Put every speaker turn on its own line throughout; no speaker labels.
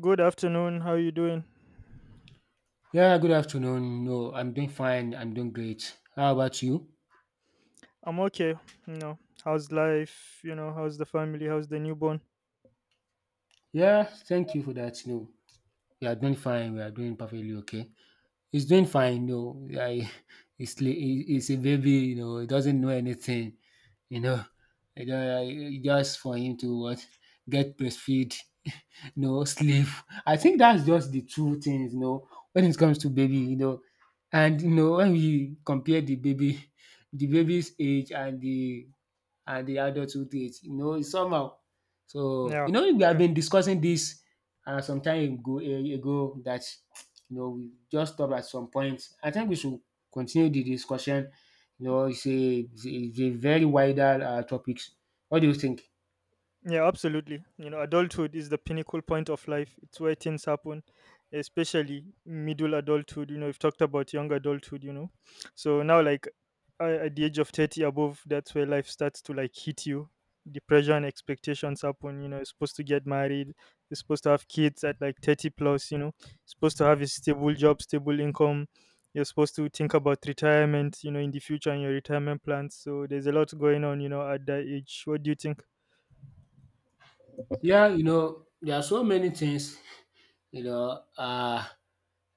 Good afternoon. How you doing?
Yeah, good afternoon. No, I'm doing fine. I'm doing great. How about you?
I'm okay. You know, how's life? You know, how's the family? How's the newborn?
Yeah, thank you for that. No, we are doing fine. We are doing perfectly okay. It's doing fine. No, I, it's it's a baby. You know, it doesn't know anything. You know, it just for him to what get breastfeed, no sleep. I think that's just the two things. You know, when it comes to baby, you know, and you know when we compare the baby, the baby's age and the adulthood age, you know, somehow. So,
Yeah.
you know, we have been discussing this some time ago, ago that, you know, we just stopped at some point. I think we should continue the discussion. You know, it's a very wider topics. What do you think?
Yeah, absolutely. You know, adulthood is the pinnacle point of life. It's where things happen, especially middle adulthood. You know, we've talked about young adulthood, you know. So now, like at the age of 30 above, that's where life starts to like hit you. The pressure and expectations happen. You know, you're supposed to get married, you're supposed to have kids at like 30 plus, you know, supposed to have a stable job, stable income. You're supposed to think about retirement, you know, in the future and your retirement plans. So there's a lot going on, you know, at that age. What do you think?
Yeah, you know, there are so many things. You know,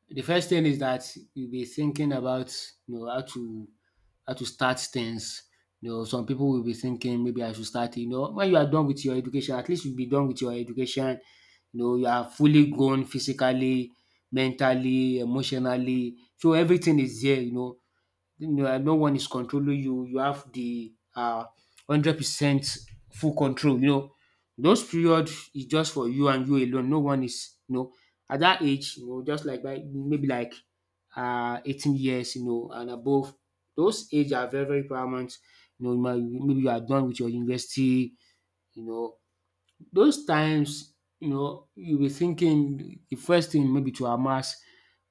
the first thing is that you'll be thinking about, you know, how to start things. You know, some people will be thinking maybe I should start. You know, when you are done with your education, at least you'll be done with your education. You know, you are fully grown physically, mentally, emotionally. So everything is there. You know, no one is controlling you. You have the 100% full control. You know, those period is just for you and you alone. No one is, you know, at that age. You know, just like by maybe like 18 years. You know, and above. Those age are very very paramount. You know, maybe you are done with your university. You know, those times, you know, you'll be thinking the first thing maybe to amass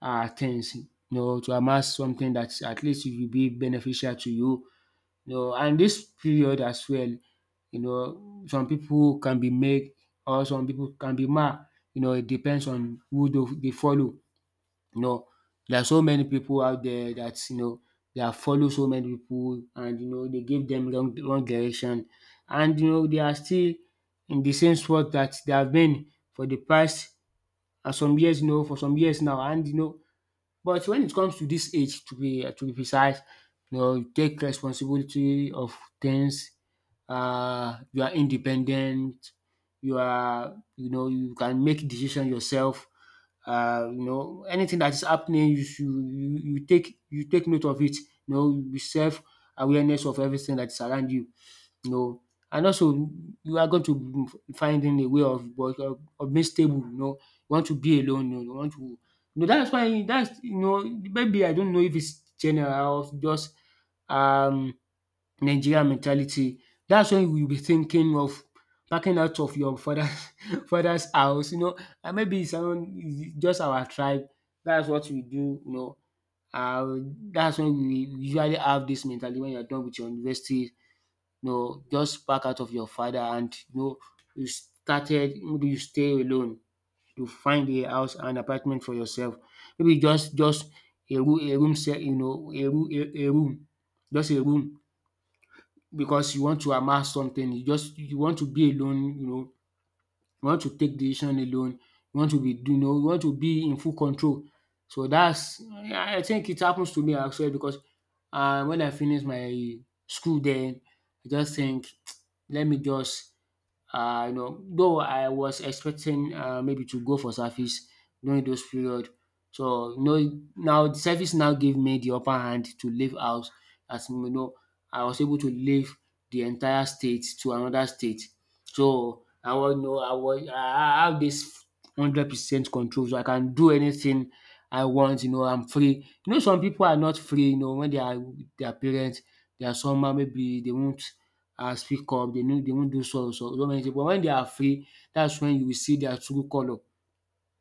things, you know, to amass something that at least it will be beneficial to you. You know, and this period as well, you know, some people can be made or some people can be mad, you know, it depends on who they follow. You know, there are so many people out there that, you know, they have followed so many people, and you know they give them wrong direction, and you know they are still in the same spot that they have been for the past some years. You know, for some years now, and you know, but when it comes to this age, to be precise, you know, you take responsibility of things, you are independent, you are, you know, you can make decision yourself. You know, anything that is happening you should you take you take note of it. You know, be self awareness of everything that is around you. No, and also you are going to be finding a way of being stable, you know, you want to be alone, you know, you want to you know that's why that's, you know, maybe I don't know if it's general or just um Nigerian mentality. That's when you'll be thinking of backing out of your father's father's house, you know, and maybe it's around, it's just our tribe. That's what we do, you know. Uh, that's when we usually have this mentality when you're done with your university, you know, just back out of your father and, you know, you started maybe you stay alone, you find a house and apartment for yourself. Maybe just you know, a room, just a room because you want to amass something, you just you want to be alone, you know, you want to take decision alone, you want to be, you know, you want to be in full control. So that's I think it happens to me as well because when I finish my school den I just think let me just you know, though I was expecting maybe to go for service during those period. So no, now the service now gave me the upper hand to leave house. As you know, I was able to leave the entire state to another state. So I was, you know, I was I have this 100% control. So I can do anything I want. You know, I'm free. You know, some people are not free. You know, when they are with their parents, they are somehow maybe they won't and speak up. They know they won't do so many things. But when they are free, that's when you will see their true color.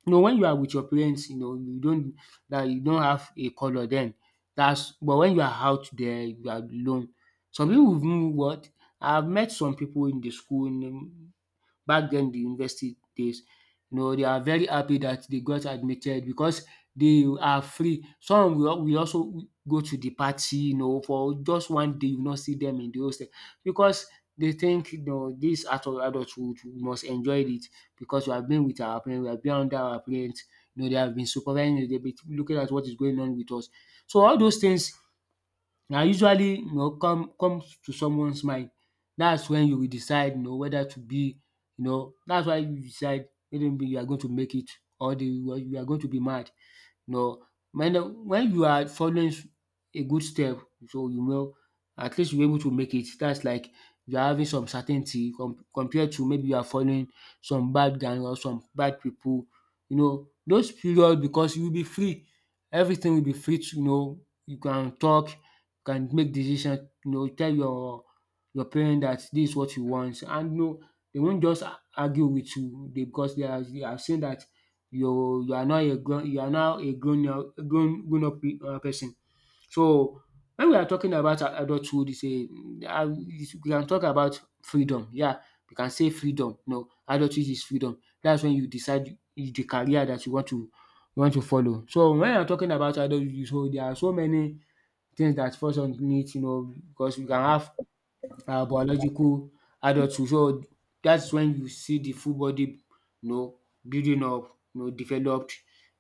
You know when you are with your parents, you know you don't that you don't have a color then. That's but when you are out there, you are alone. Some pipu even what, I have met some people in the school, you know, back then the university days, you know, they are very happy that they got admitted because they are free. Some will also go to the party, you know, for just one day you will not see them in the hostel because they think, you know, this adulthood we must enjoy it because we have been with our parents, we have been under our parents, you know, they have been supervising us, they've been looking at what is going on with us. So all those things na usually, you know, comes to someone's mind. That's when you will decide, you know, whether to be, you know, that's why you decide whether you are going to make it or the you are going to be mad. But when the when you are following a good step, so, you know, at least you able to make it. That's like you are having some certainty compared to maybe you are following some bad gang or some bad people. You know those period because you will be free, everything will be free to you know you can talk, you can make decision, you know, tell your parent that this is what you want and you know dey won't just argue with you. They, because they are they have seen that you are not a grown, you are now a grown up grown up person. So when we are talking about adulthood is a we can talk about freedom. Yeah, we can say freedom. No, adulthood is freedom. That's when you decide is the career that you want to follow. So when I'm talking about adulthood, so there are so many things that falls on it, you know, because you can have biological adulthood. So that's when you see the full body, you know, building up, you know, developed.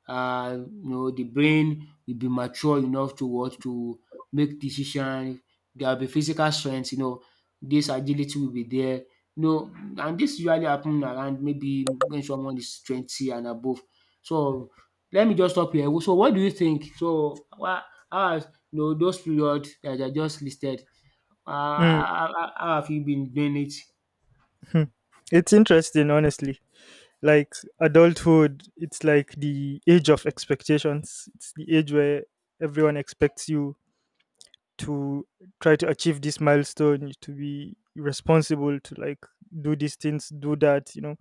You know, the brain will be mature enough to what to make decision. There will be physical strength. You know, this agility will be there. You know, and this usually happen around maybe when someone is 20 and above. So let me just stop here. So what do you think? So what? How are you know, those periods that I just listed, how have you been doing it?
Hmm. It's interesting, honestly. Like adulthood, it's like the age of expectations. It's the age where everyone expects you to try to achieve this milestone, to be responsible, to like do these things, do that. You know,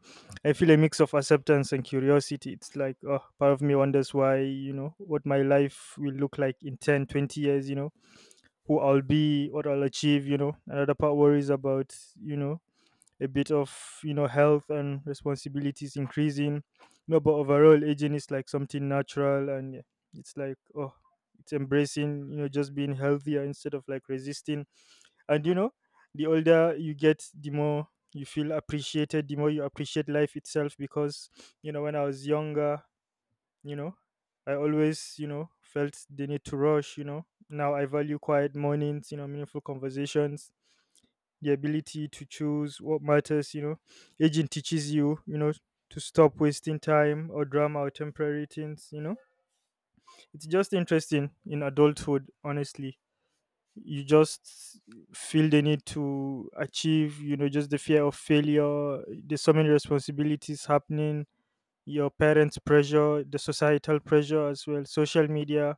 I feel a mix of acceptance and curiosity. It's like, oh, part of me wonders why, you know, what my life will look like in 10, 20 years, you know, who I'll be, what I'll achieve, you know. Another part worries about, you know, a bit of, you know, health and responsibilities increasing. No, but overall aging is like something natural, and yeah, it's like, oh, it's embracing, you know, just being healthier instead of like resisting. And, you know, the older you get, the more you feel appreciated, the more you appreciate life itself. Because, you know, when I was younger, you know, I always, you know, felt the need to rush. You know, now I value quiet mornings, you know, meaningful conversations, the ability to choose what matters. You know, aging teaches you, you know, to stop wasting time or drama or temporary things. You know, it's just interesting in adulthood, honestly. You just feel the need to achieve, you know, just the fear of failure. There's so many responsibilities happening, your parents' pressure, the societal pressure as well, social media,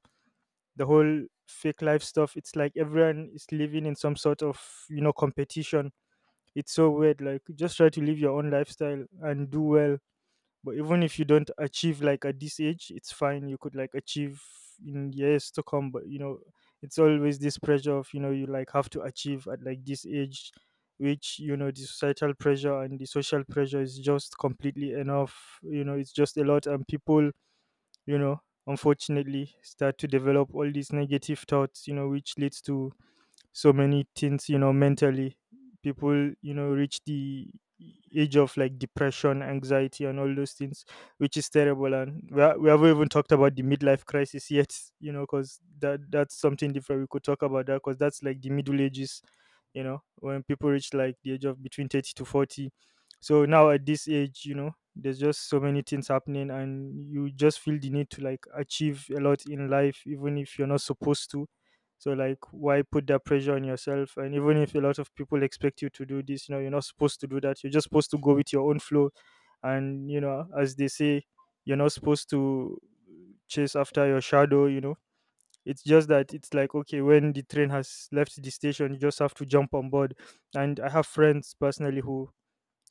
the whole fake life stuff. It's like everyone is living in some sort of, you know, competition. It's so weird. Like, just try to live your own lifestyle and do well. But even if you don't achieve like at this age, it's fine. You could like achieve in years to come. But, you know, it's always this pressure of, you know, you like have to achieve at like this age, which, you know, the societal pressure and the social pressure is just completely enough. You know, it's just a lot. And people, you know, unfortunately start to develop all these negative thoughts, you know, which leads to so many things, you know, mentally. People, you know, reach the age of like depression, anxiety, and all those things, which is terrible. And we haven't even talked about the midlife crisis yet, you know, because that's something different. We could talk about that because that's like the middle ages, you know, when people reach like the age of between 30 to 40. So now at this age, you know, there's just so many things happening, and you just feel the need to like achieve a lot in life, even if you're not supposed to. So like why put that pressure on yourself? And even if a lot of people expect you to do this, you know, you're not supposed to do that. You're just supposed to go with your own flow. And, you know, as they say, you're not supposed to chase after your shadow, you know. It's just that it's like, okay, when the train has left the station, you just have to jump on board. And I have friends personally who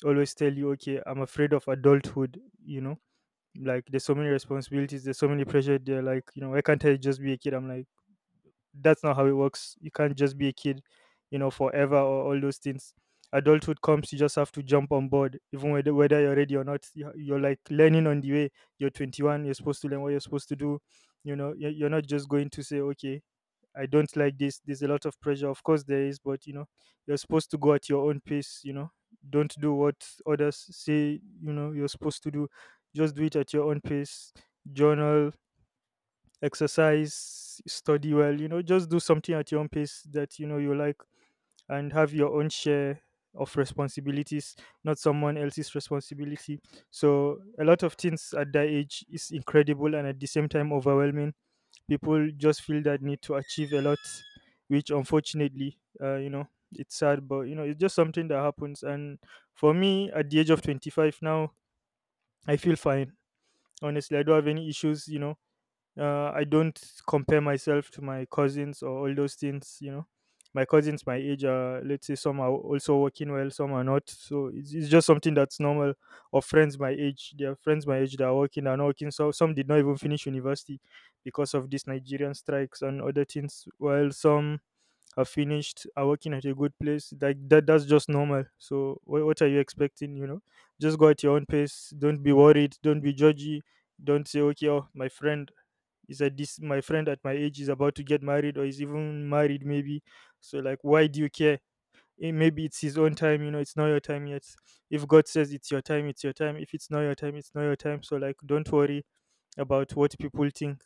always tell you, "Okay, I'm afraid of adulthood," you know. Like there's so many responsibilities, there's so many pressure, they're like, you know, why can't I just be a kid? I'm like, that's not how it works. You can't just be a kid, you know, forever or all those things. Adulthood comes, you just have to jump on board, even whether you're ready or not. You're like learning on the way. You're 21, you're supposed to learn what you're supposed to do. You know, you're not just going to say, okay, I don't like this. There's a lot of pressure. Of course, there is, but, you know, you're supposed to go at your own pace, you know, don't do what others say, you know, you're supposed to do. Just do it at your own pace. Journal, exercise, study well, you know, just do something at your own pace that you know you like, and have your own share of responsibilities, not someone else's responsibility. So a lot of things at that age is incredible and at the same time overwhelming. People just feel that need to achieve a lot, which unfortunately, you know, it's sad, but you know, it's just something that happens. And for me, at the age of 25 now, I feel fine. Honestly, I don't have any issues, you know. I don't compare myself to my cousins or all those things. You know, my cousins my age are, let's say, some are also working well, some are not. So it's just something that's normal. Or friends my age, there are friends my age that are working, are not working. So some did not even finish university because of these Nigerian strikes and other things. While some are finished, are working at a good place. Like that, that's just normal. So what are you expecting? You know, just go at your own pace. Don't be worried. Don't be judgy. Don't say, okay, oh, my friend is that. This my friend at my age is about to get married or is even married, maybe. So like why do you care? Eh, maybe it's his own time, you know, it's not your time yet. If God says it's your time, it's your time. If it's not your time, it's not your time. So like don't worry about what people think.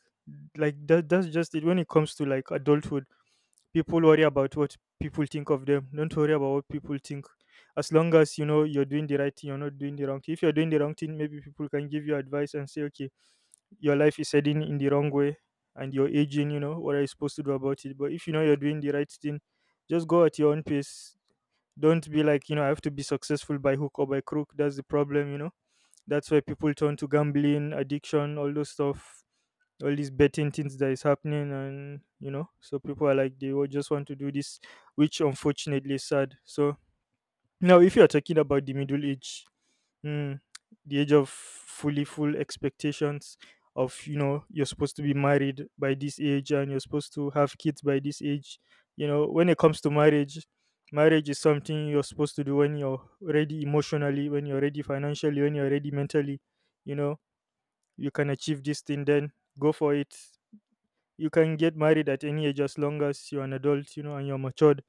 Like that's just it. When it comes to like adulthood, people worry about what people think of them. Don't worry about what people think, as long as you know you're doing the right thing, you're not doing the wrong thing. If you're doing the wrong thing, maybe people can give you advice and say, okay, your life is heading in the wrong way and you're aging, you know, what are you supposed to do about it? But if you know you're doing the right thing, just go at your own pace. Don't be like, you know, I have to be successful by hook or by crook. That's the problem, you know. That's why people turn to gambling, addiction, all those stuff, all these betting things that is happening. And, you know, so people are like, they will just want to do this, which unfortunately is sad. So now, if you're talking about the middle age, mm, the age of fully full expectations of, you know, you're supposed to be married by this age and you're supposed to have kids by this age. You know, when it comes to marriage, marriage is something you're supposed to do when you're ready emotionally, when you're ready financially, when you're ready mentally. You know, you can achieve this thing, then go for it. You can get married at any age as long as you're an adult, you know, and you're matured.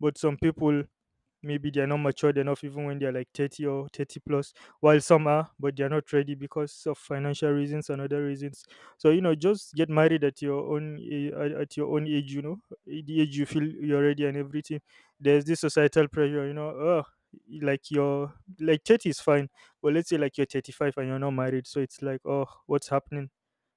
But some people, maybe they're not matured enough even when they're like 30 or 30 plus, while some are but they're not ready because of financial reasons and other reasons. So, you know, just get married at your own at your own age, you know. Eh, the age you feel you're ready and everything. There's this societal pressure, you know. Oh, like your, like 30 is fine, but let's say like you're 35 and you're not married. So it's like, oh, what's happening?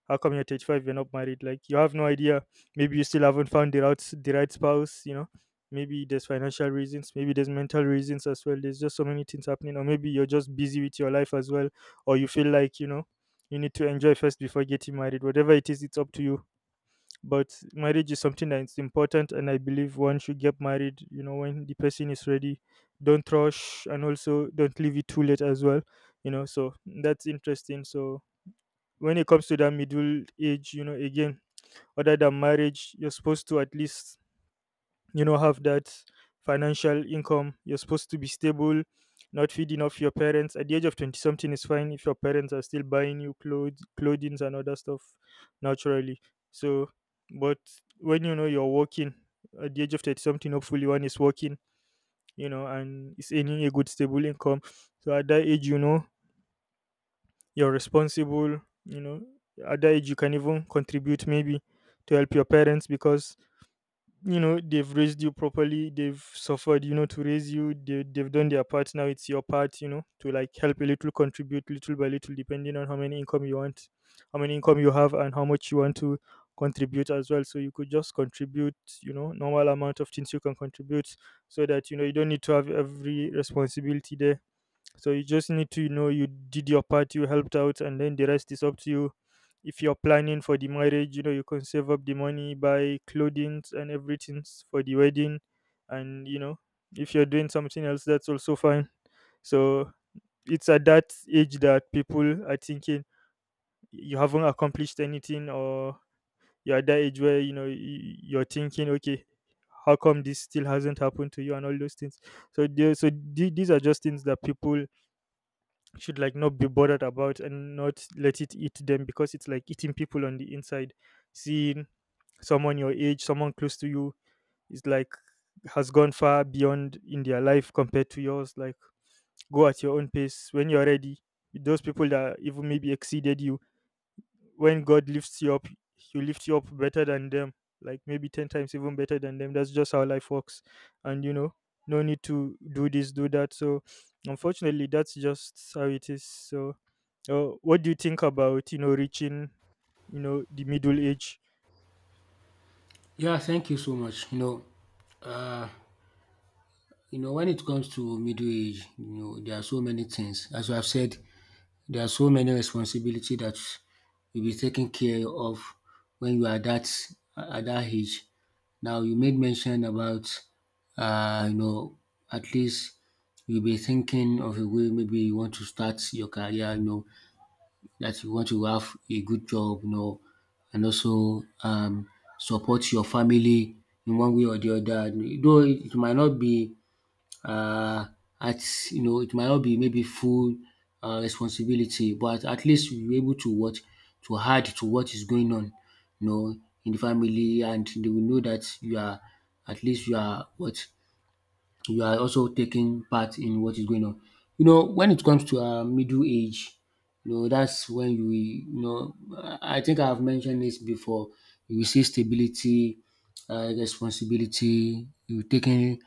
How come you're 35? You're not married? Like, you have no idea. Maybe you still haven't found the right spouse. You know, maybe there's financial reasons. Maybe there's mental reasons as well. There's just so many things happening. Or maybe you're just busy with your life as well. Or you feel like, you know, you need to enjoy first before getting married. Whatever it is, it's up to you. But marriage is something that's important, and I believe one should get married. You know, when the person is ready. Don't rush, and also don't leave it too late as well. You know, so that's interesting. So when it comes to that middle age, you know, again, other than marriage, you're supposed to at least, you know, have that financial income. You're supposed to be stable, not feeding off your parents. At the age of 20 something is fine if your parents are still buying you clothes, clothing and other stuff naturally. So, but when you know you're working at the age of 30 something, hopefully one is working, you know, and is earning a good stable income. So at that age, you know, you're responsible. You know, at that age you can even contribute maybe to help your parents, because you know they've raised you properly, they've suffered, you know, to raise you. They've done their part. Now it's your part, you know, to like help a little, contribute little by little, depending on how many income you want, how many income you have and how much you want to contribute as well. So you could just contribute, you know, normal amount of things you can contribute, so that you know you don't need to have every responsibility there. So you just need to know you did your part, you helped out, and then the rest is up to you. If you're planning for the marriage, you know, you can save up the money, buy clothing and everything for the wedding. And, you know, if you're doing something else, that's also fine. So it's at that age that people are thinking you haven't accomplished anything, or you're at that age where, you know, you're thinking, okay, how come this still hasn't happened to you and all those things. So these are just things that people should like not be bothered about and not let it eat them, because it's like eating people on the inside, seeing someone your age, someone close to you, is like has gone far beyond in their life compared to yours. Like, go at your own pace when you're ready. Those people that even maybe exceeded you, when God lifts you up, He lifts you up better than them, like maybe 10 times even better than them. That's just how life works. And, you know, no need to do this, do that. So, unfortunately, that's just how it is. So, what do you think about, you know, reaching, you know, the middle age?
Yeah, thank you so much. You know, when it comes to middle age, you know, there are so many things. As I've said, there are so many responsibility that you'll be taking care of when you are that at that age. Now you made mention about, you know, at least you'll be thinking of a way maybe you want to start your career, you know, that you want to have a good job, you know, and also support your family in one way or the other. Though it might not be uh, at you know it might not be maybe full responsibility, but at least you're able to what to add to what is going on, you know, in the family, and they will know that you are at least you are what you are also taking part in what is going on. You know, when it comes to middle age, you know, that's when you will, you know, I think I've mentioned this before. You will see stability, responsibility, you taking,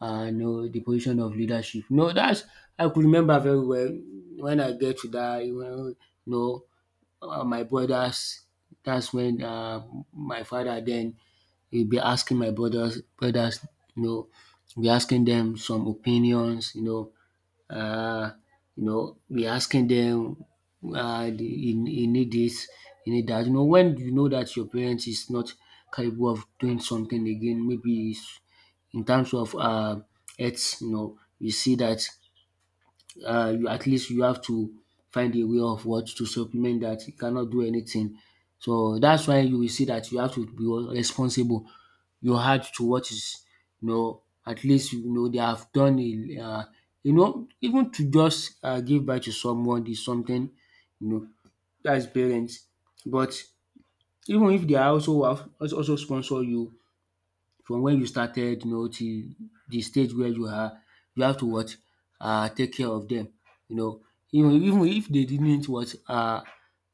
you know, the position of leadership. No, that's, I could remember very well when I get to that, you know well, my brothers. That's when my father then he'll be asking my brothers, brothers, you know, be asking them some opinions, uh, you know, be asking them, you, you need this, you need that. You know, when you know that your parents is not capable of doing something again, maybe it's in terms of it's, you know, you see that you at least you have to find a way of what to supplement that. You cannot do anything. So that's why you will see that you have to be responsible. You heart to what is at least you know they have done a you know, even to just give back to someone is something, you know, that's parents. But even if they are also have also also sponsor you from when you started, you know, till the stage where you are, you have to what take care of them. you know even if they didn't what uh,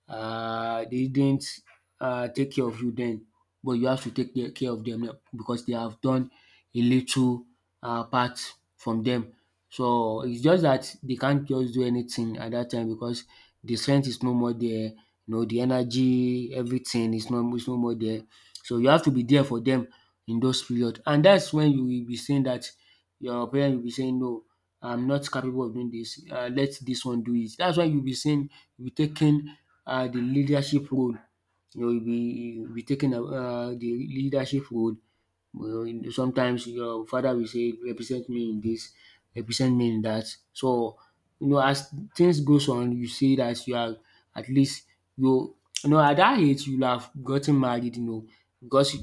uh, they didn't take care of you then, but you have to take care of them now because they have done a little part from them. So it's just that they can't just do anything at that time because the strength is no more there, you know, the energy, everything is no more there. So you have to be there for them in those period, and that's when you will be saying that your parent will be saying, no, I'm not capable of doing this. Let this one do it. That's why you will be saying you be taking the leadership role. You will be, you be taking the leadership role. Well, you know, sometimes your father will say, represent me in this, represent me in that. So, you know, as things goes on, you see that you are, at least you, you know, at that age you have gotten married, you know, because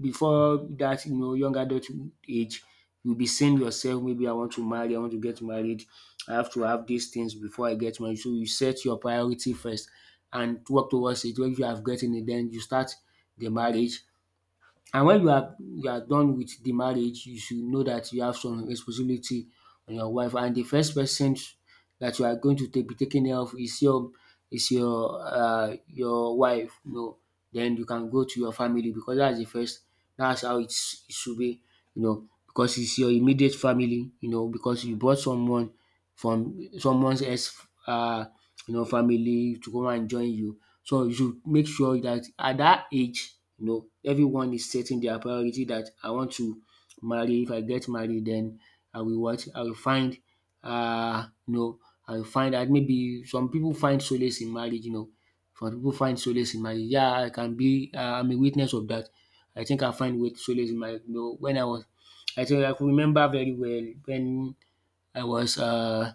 before that, you know, young adult age, you'll be saying yourself, maybe I want to marry, I want to get married, I have to have these things before I get married. So you set your priority first and work towards it. When you have gotten it, then you start the marriage, and when you are done with the marriage, you should know that you have some responsibility on your wife, and the first person that you are going to take be taking care of is your, is your your wife, you know. Den you can go to your family because that's the first. That's how it should be, you know, because it's your immediate family, you know, because you brought someone from someone else, uh you know, family to come and join you. So you should make sure that at that age, you know, everyone is setting their priority that I want to marry. If I get married, then I will what? I will find, you know, I will find that maybe some people find solace in marriage, you know, some people find solace in marriage. Yeah, I can be I'm a witness of that. I think I find with solace in marriage, you know, when I was, I think I could remember very well when I was uh,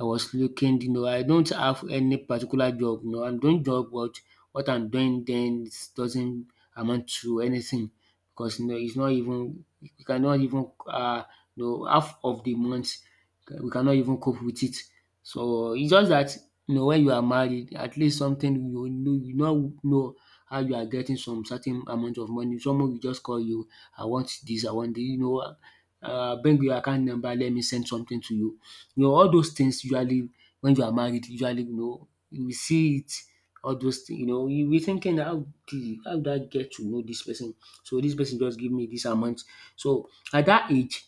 I was looking, you know, I don't have any particular job, you know, I'm doing job, but what I'm doing then is doesn't amount to anything because, you know, it's not even, we cannot even half of the month we cannot even cope with it. So it's just that, you know, when you are married, at least something, you know, you now know how you are getting some certain amount of money. Someone will just call you, I want this, you know, bring your account number, let me send something to you. You know all those things usually, when you are married, usually, you know, you will see it, all those things. You know, you be thinking, how did I get to know this person, so this person just give me this amount. So at that age,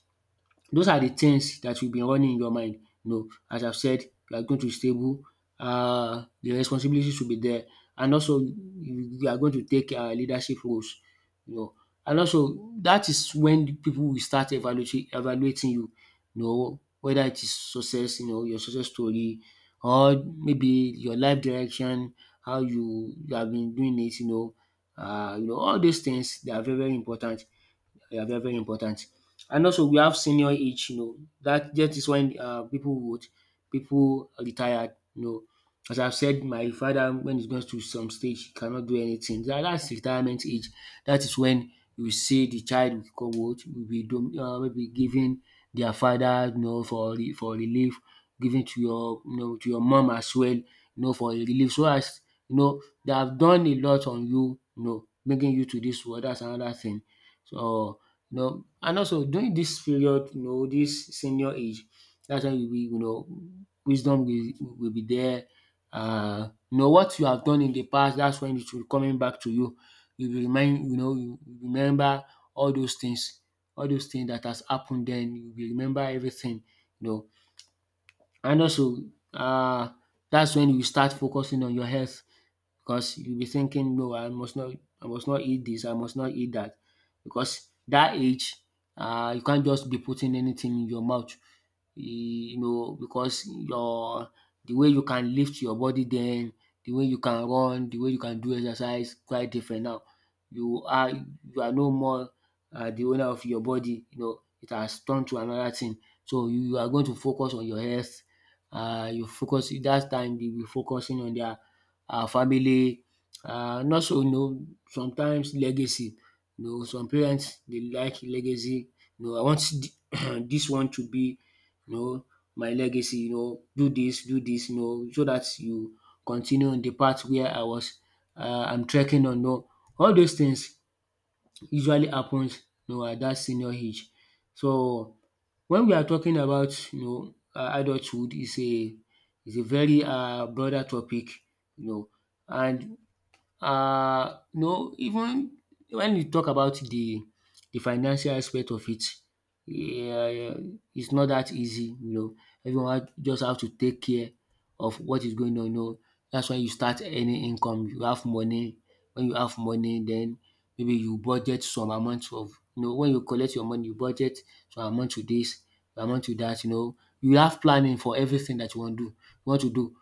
those are the things that will be running in your mind. You know, as I've said, you are going to be stable, the responsibilities will be there, and also you are going to take leadership roles, you know. And also that is when people will start evaluating you, you know, whether it is success, you know, your success story, or maybe your life direction, how you have been doing it, you know. You know, all those things, they are very, very important. Yeah, very, very important. And also we have senior age, you know, that is when people would, people retired, you know. As I've said, my father, when he goes to some stage, he cannot do anything. That's retirement age. That is when you see the child will come out, will be will be given their father, you know, for for relief, given to your, you know, to your mom as well, you know, for relief. So as, you know, they have done a lot on you, you know, bringing you to this world. That's another thing. So, you know. And also during this period, you know, this senior age, that's when you will, you know, will be there. You know what you have done in the past, that's when it will coming back to you. You will remind, you know, you will remember all those things, all those things that has happened then. You will remember everything, you know. And also, uh, that's when you start focusing on your health, because you'll be thinking, no, I must not eat this, I must not eat that, because that age, you can't just be putting anything in your mouth, you know, because your, the way you can lift your body then, the way you can run, the way you can do exercise quite different now. You are no more the owner of your body, you know, it has turned to another thing. So you are going to focus on your health. You focus, that time dey be focusing on their, our family, and also, you know, sometimes legacy. You know, some parents dey like legacy, you know. I want dis one to be, you know, my legacy, you know, do dis, do dis, you know, so dat you continue on the path where I was, I'm trekking on, you know. All those things usually happens, you know, at that senior age. So when we are talking about, you know, adulthood is a, is a very broader topic, you know. And no, even when you talk about the financial aspect of it, yeah, yeah, it's not that easy, you know. Everyone just have to take care of what is going on, you know. That's why you start earning income, you have money. When you have money, then maybe you budget some amount of, you know, when you collect your money, you budget some amount to this, some amount to that, you know. You have planning for everything that you want to do, want to do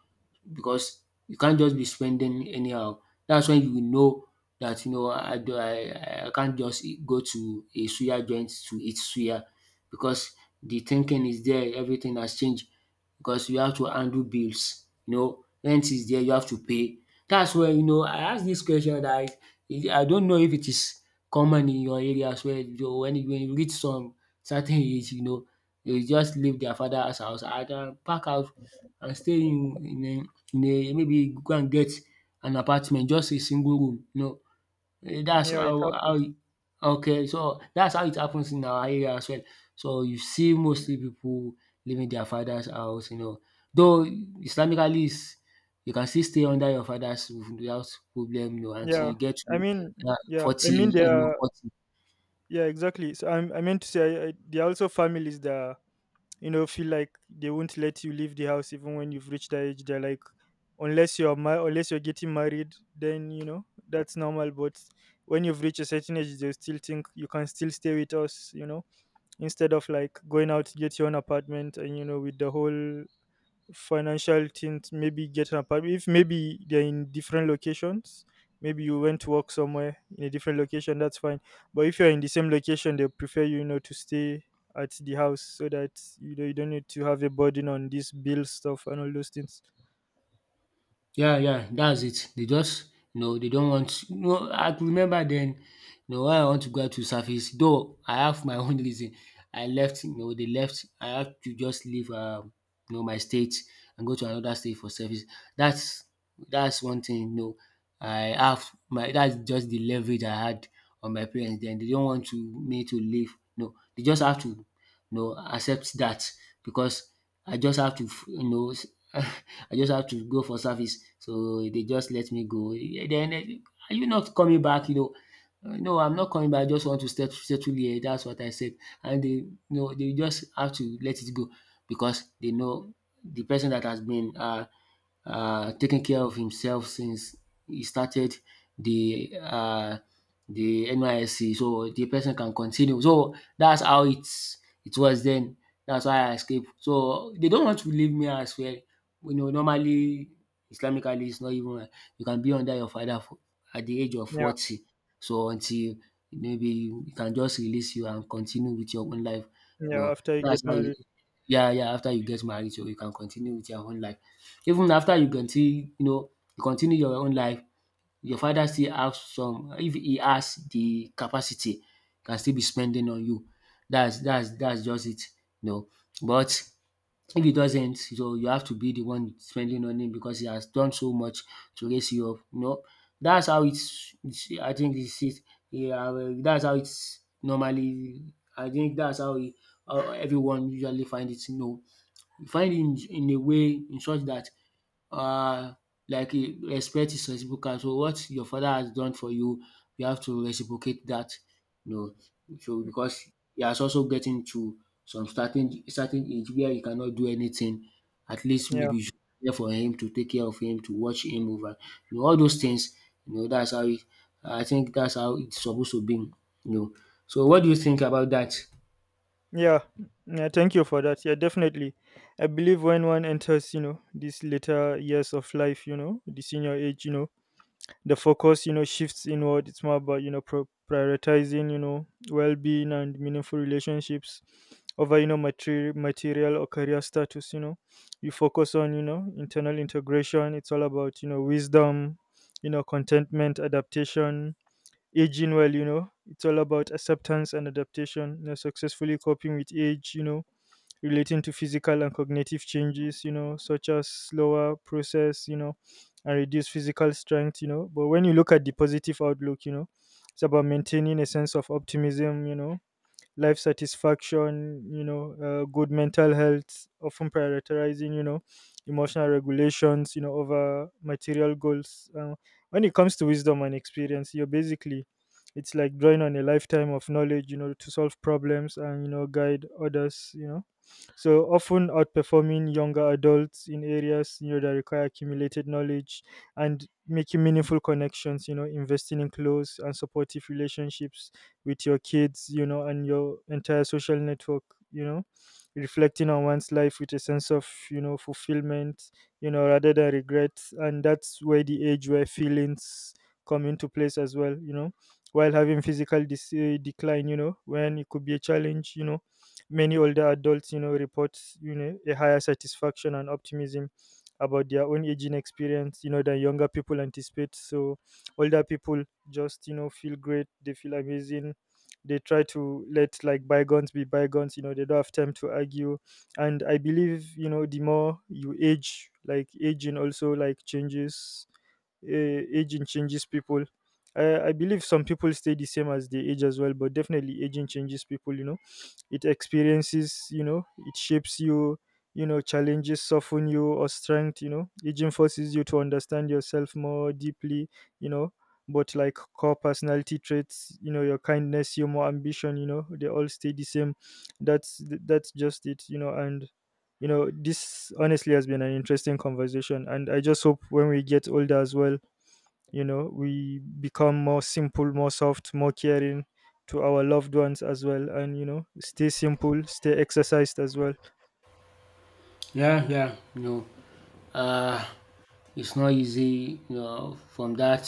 because you can't just be spending anyhow. That's when you will know that, you know, I do I can't just go to a suya joint to eat suya, because the thinking is there, everything has changed. Because you have to handle bills, you know, rent is there you have to pay. Dats why, you know, I ask dis question dat I don't know if it is common in your area as well. You know, when you reach some certain age, you know, they will just leave their father's house and pack out and stay in, in a maybe go and get an apartment, just a single room, you know. Eh, that's
Yeah, it
how
happens.
it. Okay, so that's how it happens in our area as well. So you see
Mm.
mostly people leaving their father's house, you know. Though Islamically is, you can still stay under your father's roof without problem, you know, until
Yeah.
you get
I
to
mean,
that
yeah. I
40,
mean, there
you know,
are,
40.
yeah, exactly. So, I meant to say, there are also families that are, you know, feel like they won't let you leave the house even when you've reached that age. They're like, unless you're unless you're getting married, then you know that's normal. But when you've reached a certain age, they still think you can still stay with us, you know, instead of like going out to get your own apartment. And you know, with the whole financial things, maybe get an apartment if maybe they're in different locations, maybe you went to work somewhere in a different location, that's fine. But if you're in the same location, they prefer, you know, to stay at the house, so that you know you don't need to have a burden on this bill stuff and all those things.
Yeah, yeah, that's it. They just, you know, they don't want, you know, I could remember then, you know, why I want to go out to service, though I have my own reason. I left, you know, they left. I had to just leave you know, my state and go to another state for service. That's that's one thing, you know. I have my, that's just the leverage I had on my parents then. They don't want to me to leave. No, they just have to, you know, accept that, because I just have to, you know, I just have to go for service. So they just let me go. Yeah. Then eh, are you not coming back? You know, no, I'm not coming back. I just want to settle here. That's what I said. And they, you know, they just have to let it go, because they know the person that has been taking care of himself since he started the uh, the NYSC. So the person can continue. So that's how it's it was then. That's why I escaped. So they don't want to leave me as well. You know, normally Islamically it's not even you can be under your father for, at the age of
Yeah,
40. So until maybe you can just release you and continue with your own life. You
yeah,
know,
after you get
that's how you,
married.
yeah, yeah, after you get married, so you can continue with your own life. Even after, you can still, you know, you continue your own life, your father still have some, if he has the capacity, can still be spending on you. That's just it, you know. But if he doesn't, so you have to be the one spending on him because he has done so much to raise you up, you know. That's how it's, I think it's it, yeah, that's how it's normally, I think that's how e how everyone usually find it, you know. You find it in a way in such that. Uh, like eh, respect is reciprocal. So what your father has done for you, you have to reciprocate that, you know. So because he has also getting to some certain age where he cannot do anything. At least
Yeah.
maybe you should be there for him to take care of him, to watch him over. You know, all those things, you know, that's how it, I think that's how it's supposed to be, you know. So what do you think about that?
Yeah, yeah, thank you for that. Yeah, definitely. I believe when one enters, you know, these later years of life, you know, the senior age, you know, the focus, you know, shifts inward. It's more about, you know, prioritizing, you know, well being and meaningful relationships over, you know, material or career status, you know. You focus on, you know, internal integration. It's all about, you know, wisdom, you know, contentment, adaptation, aging well. You know, it's all about acceptance and adaptation, you know, successfully coping with age, you know, relating to physical and cognitive changes, you know, such as slower process, you know, and reduced physical strength. You know, but when you look at the positive outlook, you know, it's about maintaining a sense of optimism, you know, life satisfaction, you know, good mental health, often prioritizing, you know, emotional regulations, you know, over material goals. When it comes to wisdom and experience, you're basically, it's like drawing on a lifetime of knowledge, you know, to solve problems and, you know, guide others, you know, so often outperforming younger adults in areas, you know, that require accumulated knowledge, and making meaningful connections, you know, investing in close and supportive relationships with your kids, you know, and your entire social network, you know, reflecting on one's life with a sense of, you know, fulfillment, you know, rather than regret. And that's where the age where feelings come into place as well, you know. While having physical decline, you know, when it could be a challenge, you know, many older adults, you know, report, you know, a higher satisfaction and optimism about their own aging experience, you know, than younger people anticipate. So older people just, you know, feel great, they feel amazing. They try to let like bygones be bygones, you know, they don't have time to argue. And I believe, you know, the more you age, like aging also like changes aging changes people. I believe some people stay the same as they age as well, but definitely aging changes people, you know, it experiences, you know, it shapes you, you know, challenges soften you or strength, you know. Aging forces you to understand yourself more deeply, you know, but like core personality traits, you know, your kindness, humor, ambition, you know, they all stay the same. That's just it, you know. And you know, this honestly has been an interesting conversation, and I just hope when we get older as well, you know, we become more simple, more soft, more caring to our loved ones as well. And you know, stay simple, stay exercised as well.
Yeah, yeah, you know. Uh It's not easy, you know, from that,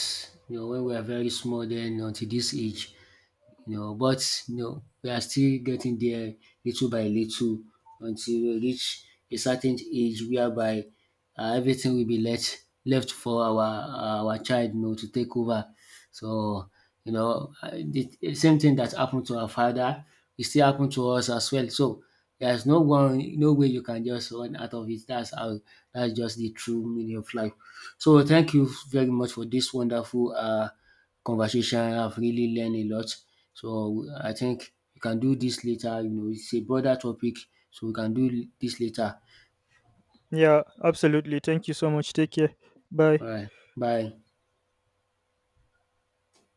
you know, when we are very small then until this age, you know, but you know, we are still getting there, little by little, until we reach a certain age whereby, everything will be left for our child, you know, to take over. So, you know, the same thing that happened to our father, it still happened to us as well. So there's no one, no way you can just run out of it. That's how. That's just the true meaning of life. So thank you very much for this wonderful conversation. I've really learned a lot. So, I think we can do dis later, you know, it's a broader topic, so we can do dis later.
Yeah, absolutely, thank you so much. Take care. Bye.
Alright, bye.